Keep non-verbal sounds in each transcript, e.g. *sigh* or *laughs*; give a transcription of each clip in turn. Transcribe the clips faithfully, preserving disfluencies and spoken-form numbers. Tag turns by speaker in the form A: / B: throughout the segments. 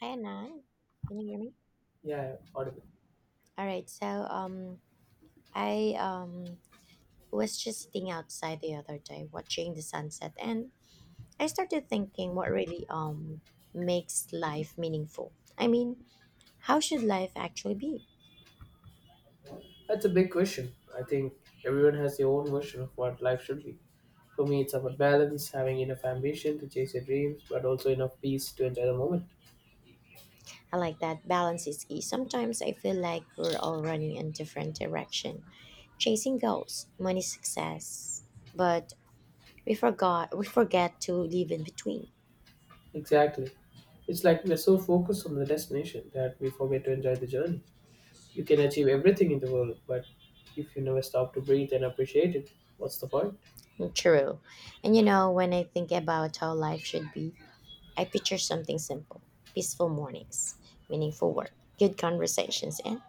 A: Hi Anand, can you hear me?
B: Yeah, audible.
A: All right, so um, I um was just sitting outside the other day watching the sunset, and I started thinking what really um makes life meaningful. I mean, how should life actually be?
B: That's a big question. I think everyone has their own version of what life should be. For me, it's about balance, having enough ambition to chase your dreams, but also enough peace to enjoy the moment.
A: I like that balance is key. Sometimes I feel like we're all running in different direction, chasing goals, money, success, but we forgot we forget to live in between.
B: Exactly. It's like we're so focused on the destination that we forget to enjoy the journey. You can achieve everything in the world, but if you never stop to breathe and appreciate it, what's the point?
A: True. And you know, when I think about how life should be, I picture something simple peaceful mornings, meaningful work, good conversations, and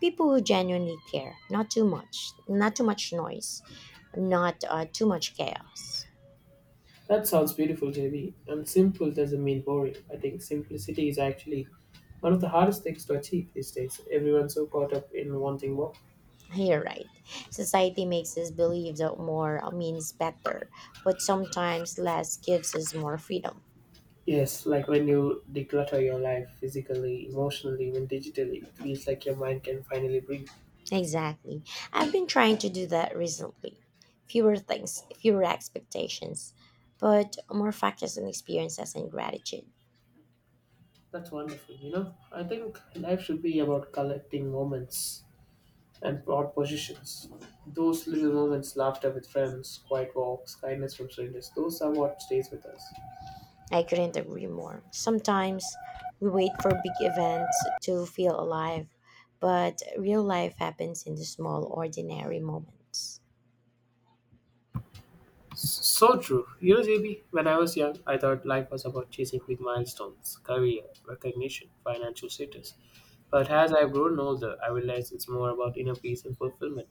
A: people who genuinely care. Not too much, not too much noise, not uh, too much chaos.
B: That sounds beautiful, J B. And simple doesn't mean boring. I think simplicity is actually one of the hardest things to achieve these days. Everyone's so caught up in wanting more.
A: You're right. Society makes us believe that more means better, but sometimes less gives us more freedom.
B: Yes, like when you declutter your life physically, emotionally, even digitally, it feels like your mind can finally breathe.
A: Exactly. I've been trying to do that recently. Fewer things, fewer expectations, but more focus on experiences and gratitude.
B: That's wonderful, you know? I think life should be about collecting moments and broad positions. Those little moments, laughter with friends, quiet walks, kindness from strangers, those are what stays with us.
A: I couldn't agree more. Sometimes we wait for big events to feel alive, but real life happens in the small, ordinary moments.
B: So true. You know, J B, when I was young, I thought life was about chasing big milestones, career, recognition, financial status. But as I've grown older, I realize it's more about inner peace and fulfillment.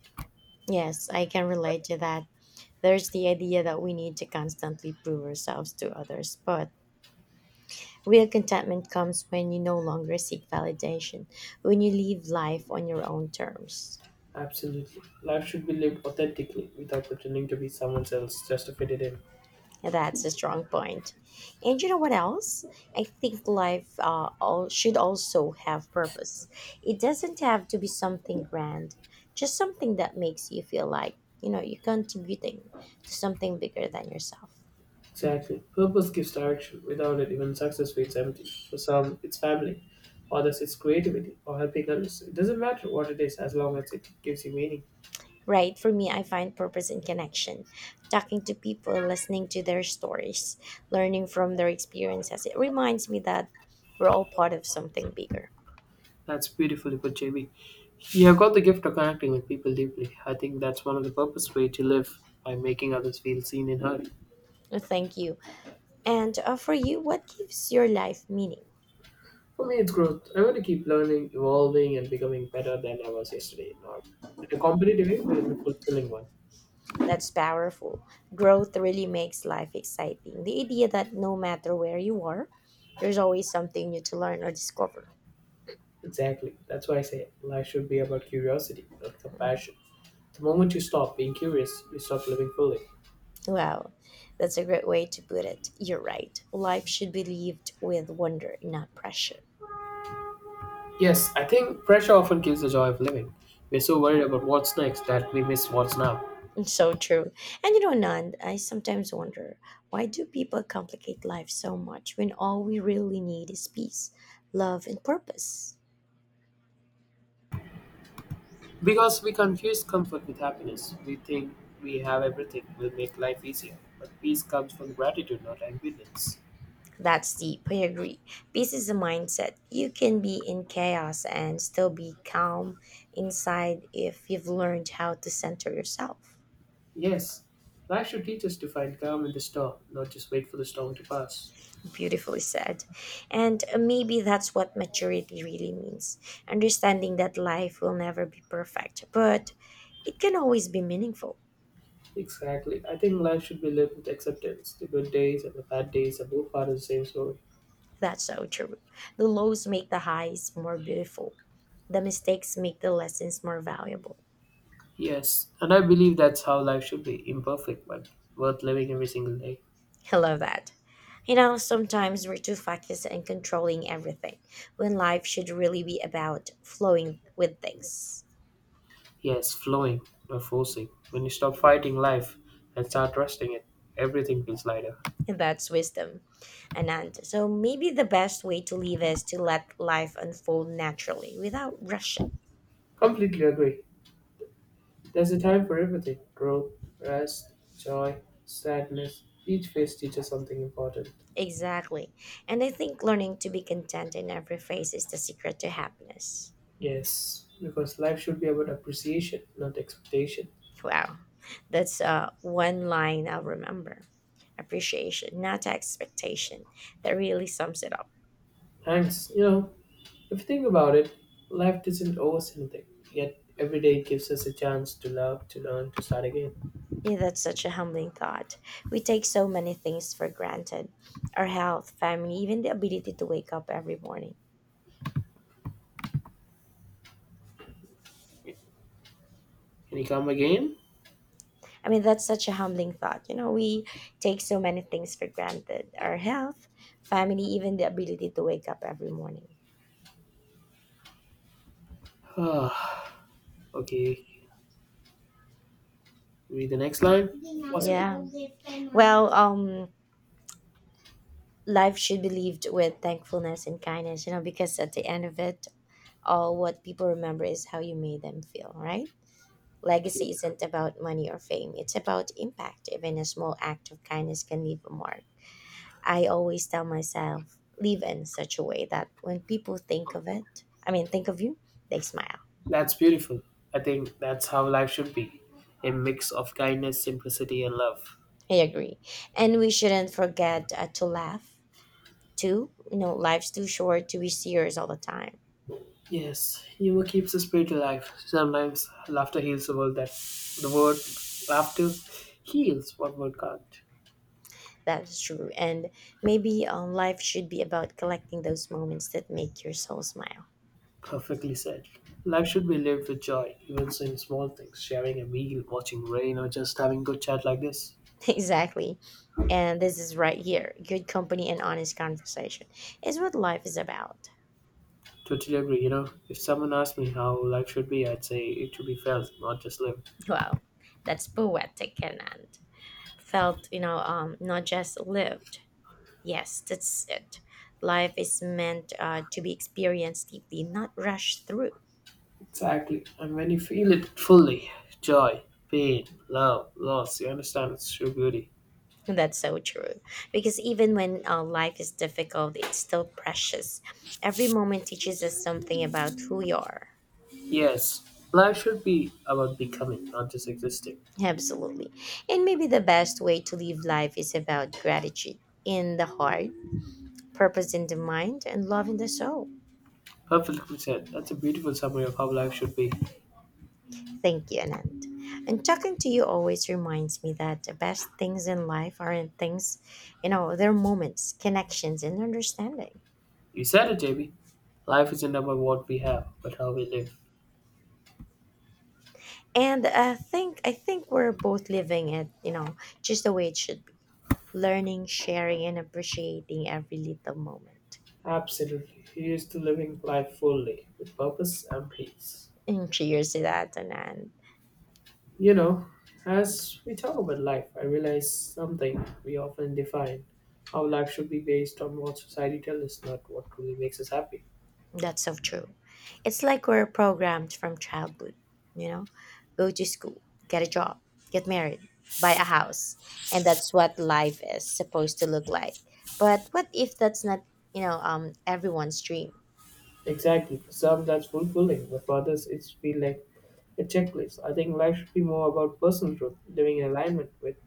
A: Yes, I can relate to that. There's the idea that we need to constantly prove ourselves to others, but real contentment comes when you no longer seek validation, when you live life on your own terms.
B: Absolutely. Life should be lived authentically without pretending to be someone else just to fit it in.
A: That's a strong point. And you know what else? I think life uh, all, should also have purpose. It doesn't have to be something grand, just something that makes you feel like, you know, you're contributing to something bigger than yourself.
B: Exactly. Purpose gives direction. Without it, even success feels empty. For some, it's family. Others, it's creativity or helping others. It doesn't matter what it is as long as it gives you meaning.
A: Right? For me, I find purpose in connection, talking to people, listening to their stories, learning from their experiences. It reminds me that we're all part of something bigger.
B: That's beautifully put, J B. You have got the gift of connecting with people deeply. I think that's one of the purpose way to live by making others feel seen and heard.
A: Thank you. And uh, for you, what gives your life meaning?
B: For me, it's growth. I want to keep learning, evolving, and becoming better than I was yesterday. Not in a competitive way, but in a fulfilling one.
A: That's powerful. Growth really makes life exciting. The idea that no matter where you are, there's always something new to learn or discover.
B: Exactly. That's why I say life should be about curiosity, not
A: Mm.
B: compassion. The moment you stop being curious, you stop living fully.
A: Wow, that's a great way to put it. You're right. Life should be lived with wonder, not pressure.
B: Yes, I think pressure often kills the joy of living. We're so worried about what's next that we miss what's now.
A: *laughs* So true. And you know, Nand, I sometimes wonder why do people complicate life so much when all we really need is peace, love, and purpose?
B: Because we confuse comfort with happiness, we think we have everything will make life easier, but peace comes from gratitude, not ambivalence.
A: That's deep. I agree. Peace is a mindset. You can be in chaos and still be calm inside if you've learned how to center yourself.
B: Yes, life should teach us to find calm in the storm, not just wait for the storm to pass.
A: Beautifully said. And maybe that's what maturity really means understanding that life will never be perfect, but it can always be meaningful.
B: Exactly. I think life should be lived with acceptance. The good days and the bad days are both part of the same story.
A: That's so true. The lows make the highs more beautiful, the mistakes make the lessons more valuable.
B: Yes, and I believe that's how life should be imperfect, but worth living every single day.
A: I love that. You know, sometimes we're too focused on controlling everything when life should really be about flowing with things.
B: Yes, flowing, not forcing. When you stop fighting life and start trusting it, everything feels lighter.
A: And that's wisdom, Anand. So maybe the best way to live is to let life unfold naturally without rushing.
B: Completely agree. There's a time for everything growth, rest, joy, sadness. Each phase teaches something important.
A: Exactly. And I think learning to be content in every phase is the secret to happiness.
B: Yes, because life should be about appreciation, not expectation.
A: Wow. That's uh, one line I'll remember. Appreciation, not expectation. That really sums it up.
B: Thanks. You know, if you think about it, life doesn't owe us anything. Yet every day gives us a chance to love, to learn, to start again.
A: Yeah, that's such a humbling thought. We take so many things for granted our health, family, even the ability to wake up every morning.
B: Can you come again? *sighs*
A: I mean, that's such a humbling thought. You know, we take so many things for granted our health, family, even the ability to wake up every morning.
B: Ah, okay. Read the next line. Possible.
A: Yeah. Well, um, life should be lived with thankfulness and kindness, you know, because at the end of it, all what people remember is how you made them feel, right? Legacy isn't about money or fame, it's about impact. Even a small act of kindness can leave a mark. I always tell myself, live in such a way that when people think of it, I mean, think of you, they smile.
B: That's beautiful. I think that's how life should be. A mix of kindness, simplicity, and love.
A: I agree. And we shouldn't forget uh, to laugh too. You know, life's too short to be serious all the time.
B: Yes, humor keeps the spirit alive. Sometimes laughter heals the world that the word laughter heals what word can't.
A: That's true. And maybe um, life should be about collecting those moments that make your soul smile.
B: Perfectly said. Life should be lived with joy, even so in small things, sharing a meal, watching rain, or just having good chat like this.
A: *laughs* Exactly. And this is right here. Good company and honest conversation is what life is about.
B: Totally agree, you know. If someone asked me how life should be, I'd say it should be felt, not just lived.
A: Wow, that's poetic and, and felt, you know, um, not just lived. Yes, that's it. Life is meant uh, to be experienced deeply, not rushed through.
B: Exactly. And when you feel it fully, joy, pain, love, loss, you understand its true beauty.
A: *laughs* That's so true. Because even when uh, life is difficult, it's still precious. Every moment teaches us something about who you are.
B: Yes, life should be about becoming, not just existing.
A: Absolutely. And maybe the best way to live life is about gratitude in the heart, purpose in the mind, and love in the soul.
B: Perfectly said. That's a beautiful summary of how life should be.
A: Thank you, Anand. And talking to you always reminds me that the best things in life aren't things, you know, they're moments, connections, and understanding.
B: You said it, J B. Life isn't about what we have, but how we live.
A: And I think I think we're both living it, you know, just the way it should be. Learning, sharing, and appreciating every little moment.
B: Absolutely. He is to living life fully, with purpose and peace.
A: And cheers to that, Anand.
B: You know, as we talk about life, I realize something we often define how life should be based on what society tells us, not what truly makes us happy.
A: That's so true. It's like we're programmed from childhood, you know? Go to school, get a job, get married, buy a house. And that's what life is supposed to look like. But what if that's not, you know, um everyone's dream?
B: Exactly. For some, that's fulfilling, but for others, it's feel like a checklist. I think life should be more about personal growth, living in alignment with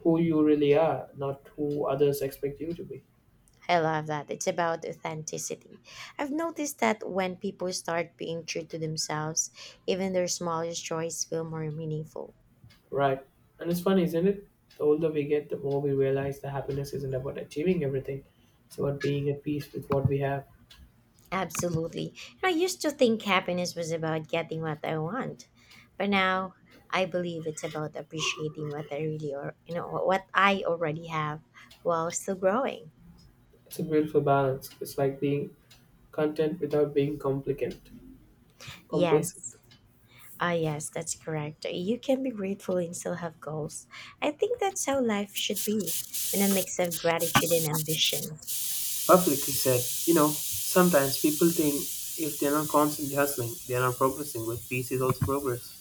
B: who you really are, not who others expect you to be.
A: I love that. It's about authenticity. I've noticed that when people start being true to themselves, even their smallest joys feel more meaningful.
B: Right. And it's funny, isn't it? The older we get, the more we realize that happiness isn't about achieving everything. It's about being at peace with what we have.
A: Absolutely. You know, I used to think happiness was about getting what I want, but now I believe it's about appreciating what I really or you know what I already have while still growing.
B: It's a beautiful balance. It's like being content without being complicant, complacent.
A: Yes. Ah, yes, that's correct. You can be grateful and still have goals. I think that's how life should be, in a mix of gratitude and ambition.
B: Publicly said, you know, sometimes people think if they're not constantly hustling, they're not progressing, but peace is also progress.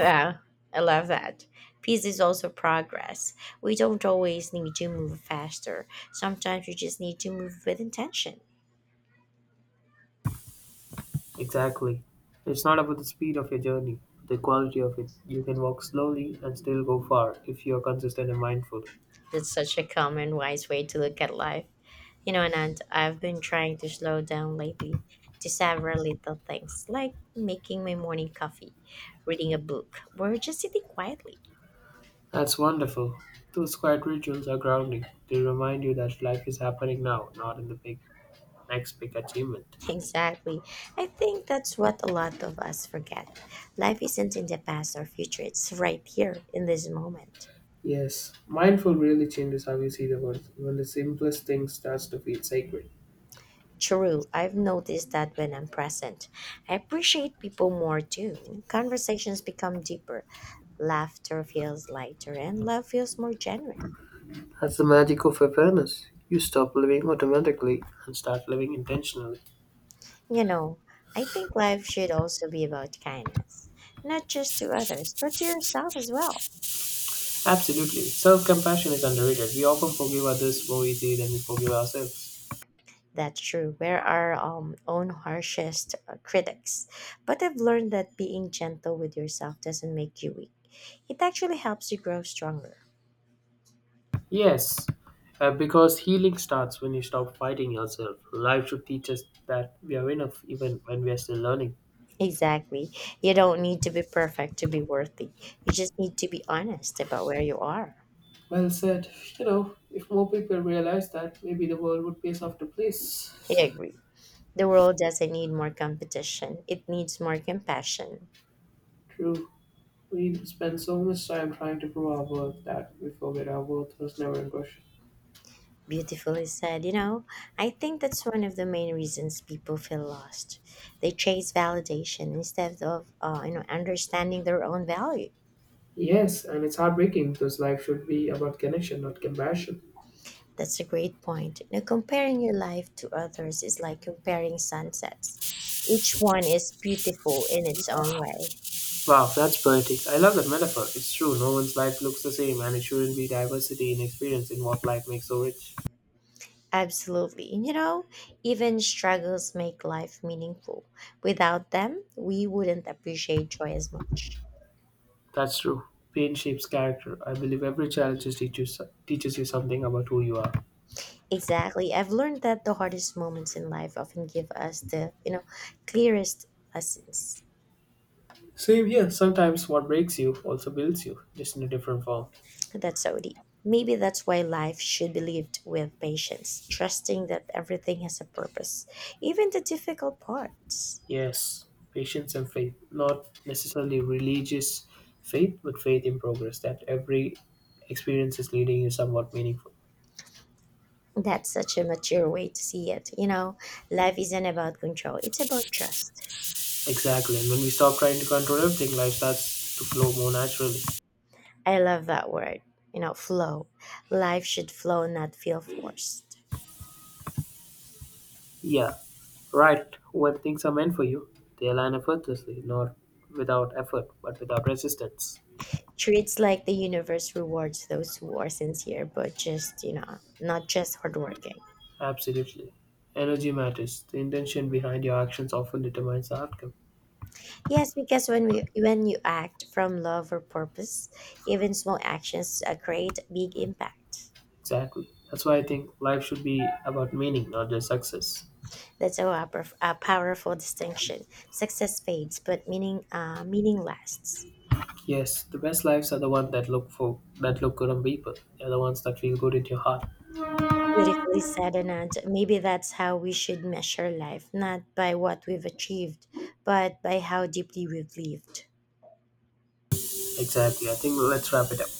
A: Wow, I love that. Peace is also progress. We don't always need to move faster. Sometimes we just need to move with intention.
B: Exactly. It's not about the speed of your journey, but the quality of it. You can walk slowly and still go far if you're consistent and mindful.
A: That's such a calm and wise way to look at life. You know, Anand, I've been trying to slow down lately to savor little things like making my morning coffee, reading a book, or just sitting quietly. *laughs*
B: That's wonderful. Those quiet rituals are grounding. They remind you that life is happening now, not in the big next big achievement.
A: Exactly. I think that's what a lot of us forget. Life isn't in the past or future, it's right here in this moment.
B: Yes, mindful really changes how you see the world. Even the simplest thing starts to feel sacred.
A: True, I've noticed that when I'm present, I appreciate people more too. Conversations become deeper. Laughter feels lighter and love feels more genuine.
B: That's the magic of awareness. You stop living automatically and start living intentionally.
A: You know, I think life should also be about kindness, not just to others, but to yourself as well.
B: Absolutely. Self compassion is underrated. We often forgive others more easily than we forgive ourselves.
A: That's true. We're our um, own harshest uh, critics. But I've learned that being gentle with yourself doesn't make you weak, it actually helps you grow stronger.
B: Yes, uh, because healing starts when you stop fighting yourself. Life should teach us that we are enough even when we are still learning.
A: Exactly. You don't need to be perfect to be worthy. You just need to be honest about where you are.
B: Well said. You know, if more people realize that, maybe the world would be a softer
A: *laughs* I
B: place.
A: agree. The world doesn't need more competition, it needs more compassion.
B: True. We spend so much time trying to prove our worth that we forget our worth was never in question.
A: Beautifully said, you know, I think that's one of the main reasons people feel lost. They chase validation instead of, uh, you know, understanding their own value.
B: Yes, and it's heartbreaking because life should be about connection, not comparison.
A: That's a great point. Now, comparing your life to others is like comparing sunsets. Each one is beautiful in its own way.
B: Wow, that's poetic. I love that metaphor. It's true, no one's life looks the same, and it shouldn't be diversity in experience in what life makes so rich.
A: Absolutely. And, you know, even struggles make life meaningful. Without them, we wouldn't appreciate joy as much.
B: That's true. Pain shapes character. I believe every challenge just teaches, teaches you something about who you are.
A: Exactly. I've learned that the hardest moments in life often give us the, you know, clearest lessons.
B: Same here. Sometimes what breaks you also builds you, just in a different form.
A: That's so deep. Maybe that's why life should be lived with patience, trusting that everything has a purpose, even the difficult parts.
B: Yes, patience and faith. Not necessarily religious faith, but faith in progress that every experience is leading you somewhat meaningful.
A: That's such a mature way to see it. You know, life isn't about control, it's about trust.
B: Exactly. And when we stop trying to control everything, life starts to flow more naturally.
A: I love that word, you know, flow. Life should flow, not feel forced.
B: Yeah. Right. When things are meant for you, they align effortlessly, not without effort, but without resistance.
A: Treats like the universe rewards those who are sincere, but just you know, not just hardworking.
B: Absolutely. Energy matters. The intention behind your actions often determines the outcome.
A: Yes, because when we when you act from love or purpose, even small actions uh, create big impact.
B: Exactly. That's why I think life should be about meaning, not just success.
A: That's a, wa- a powerful distinction. Success fades, but meaning uh, meaning lasts.
B: Yes, the best lives are the ones that look for that look good on people. They're the ones that feel good in your heart.
A: Beautifully said, Anand. Maybe that's how we should measure life, not by what we've achieved, but by how deeply we've lived.
B: Exactly. I think let's wrap it up.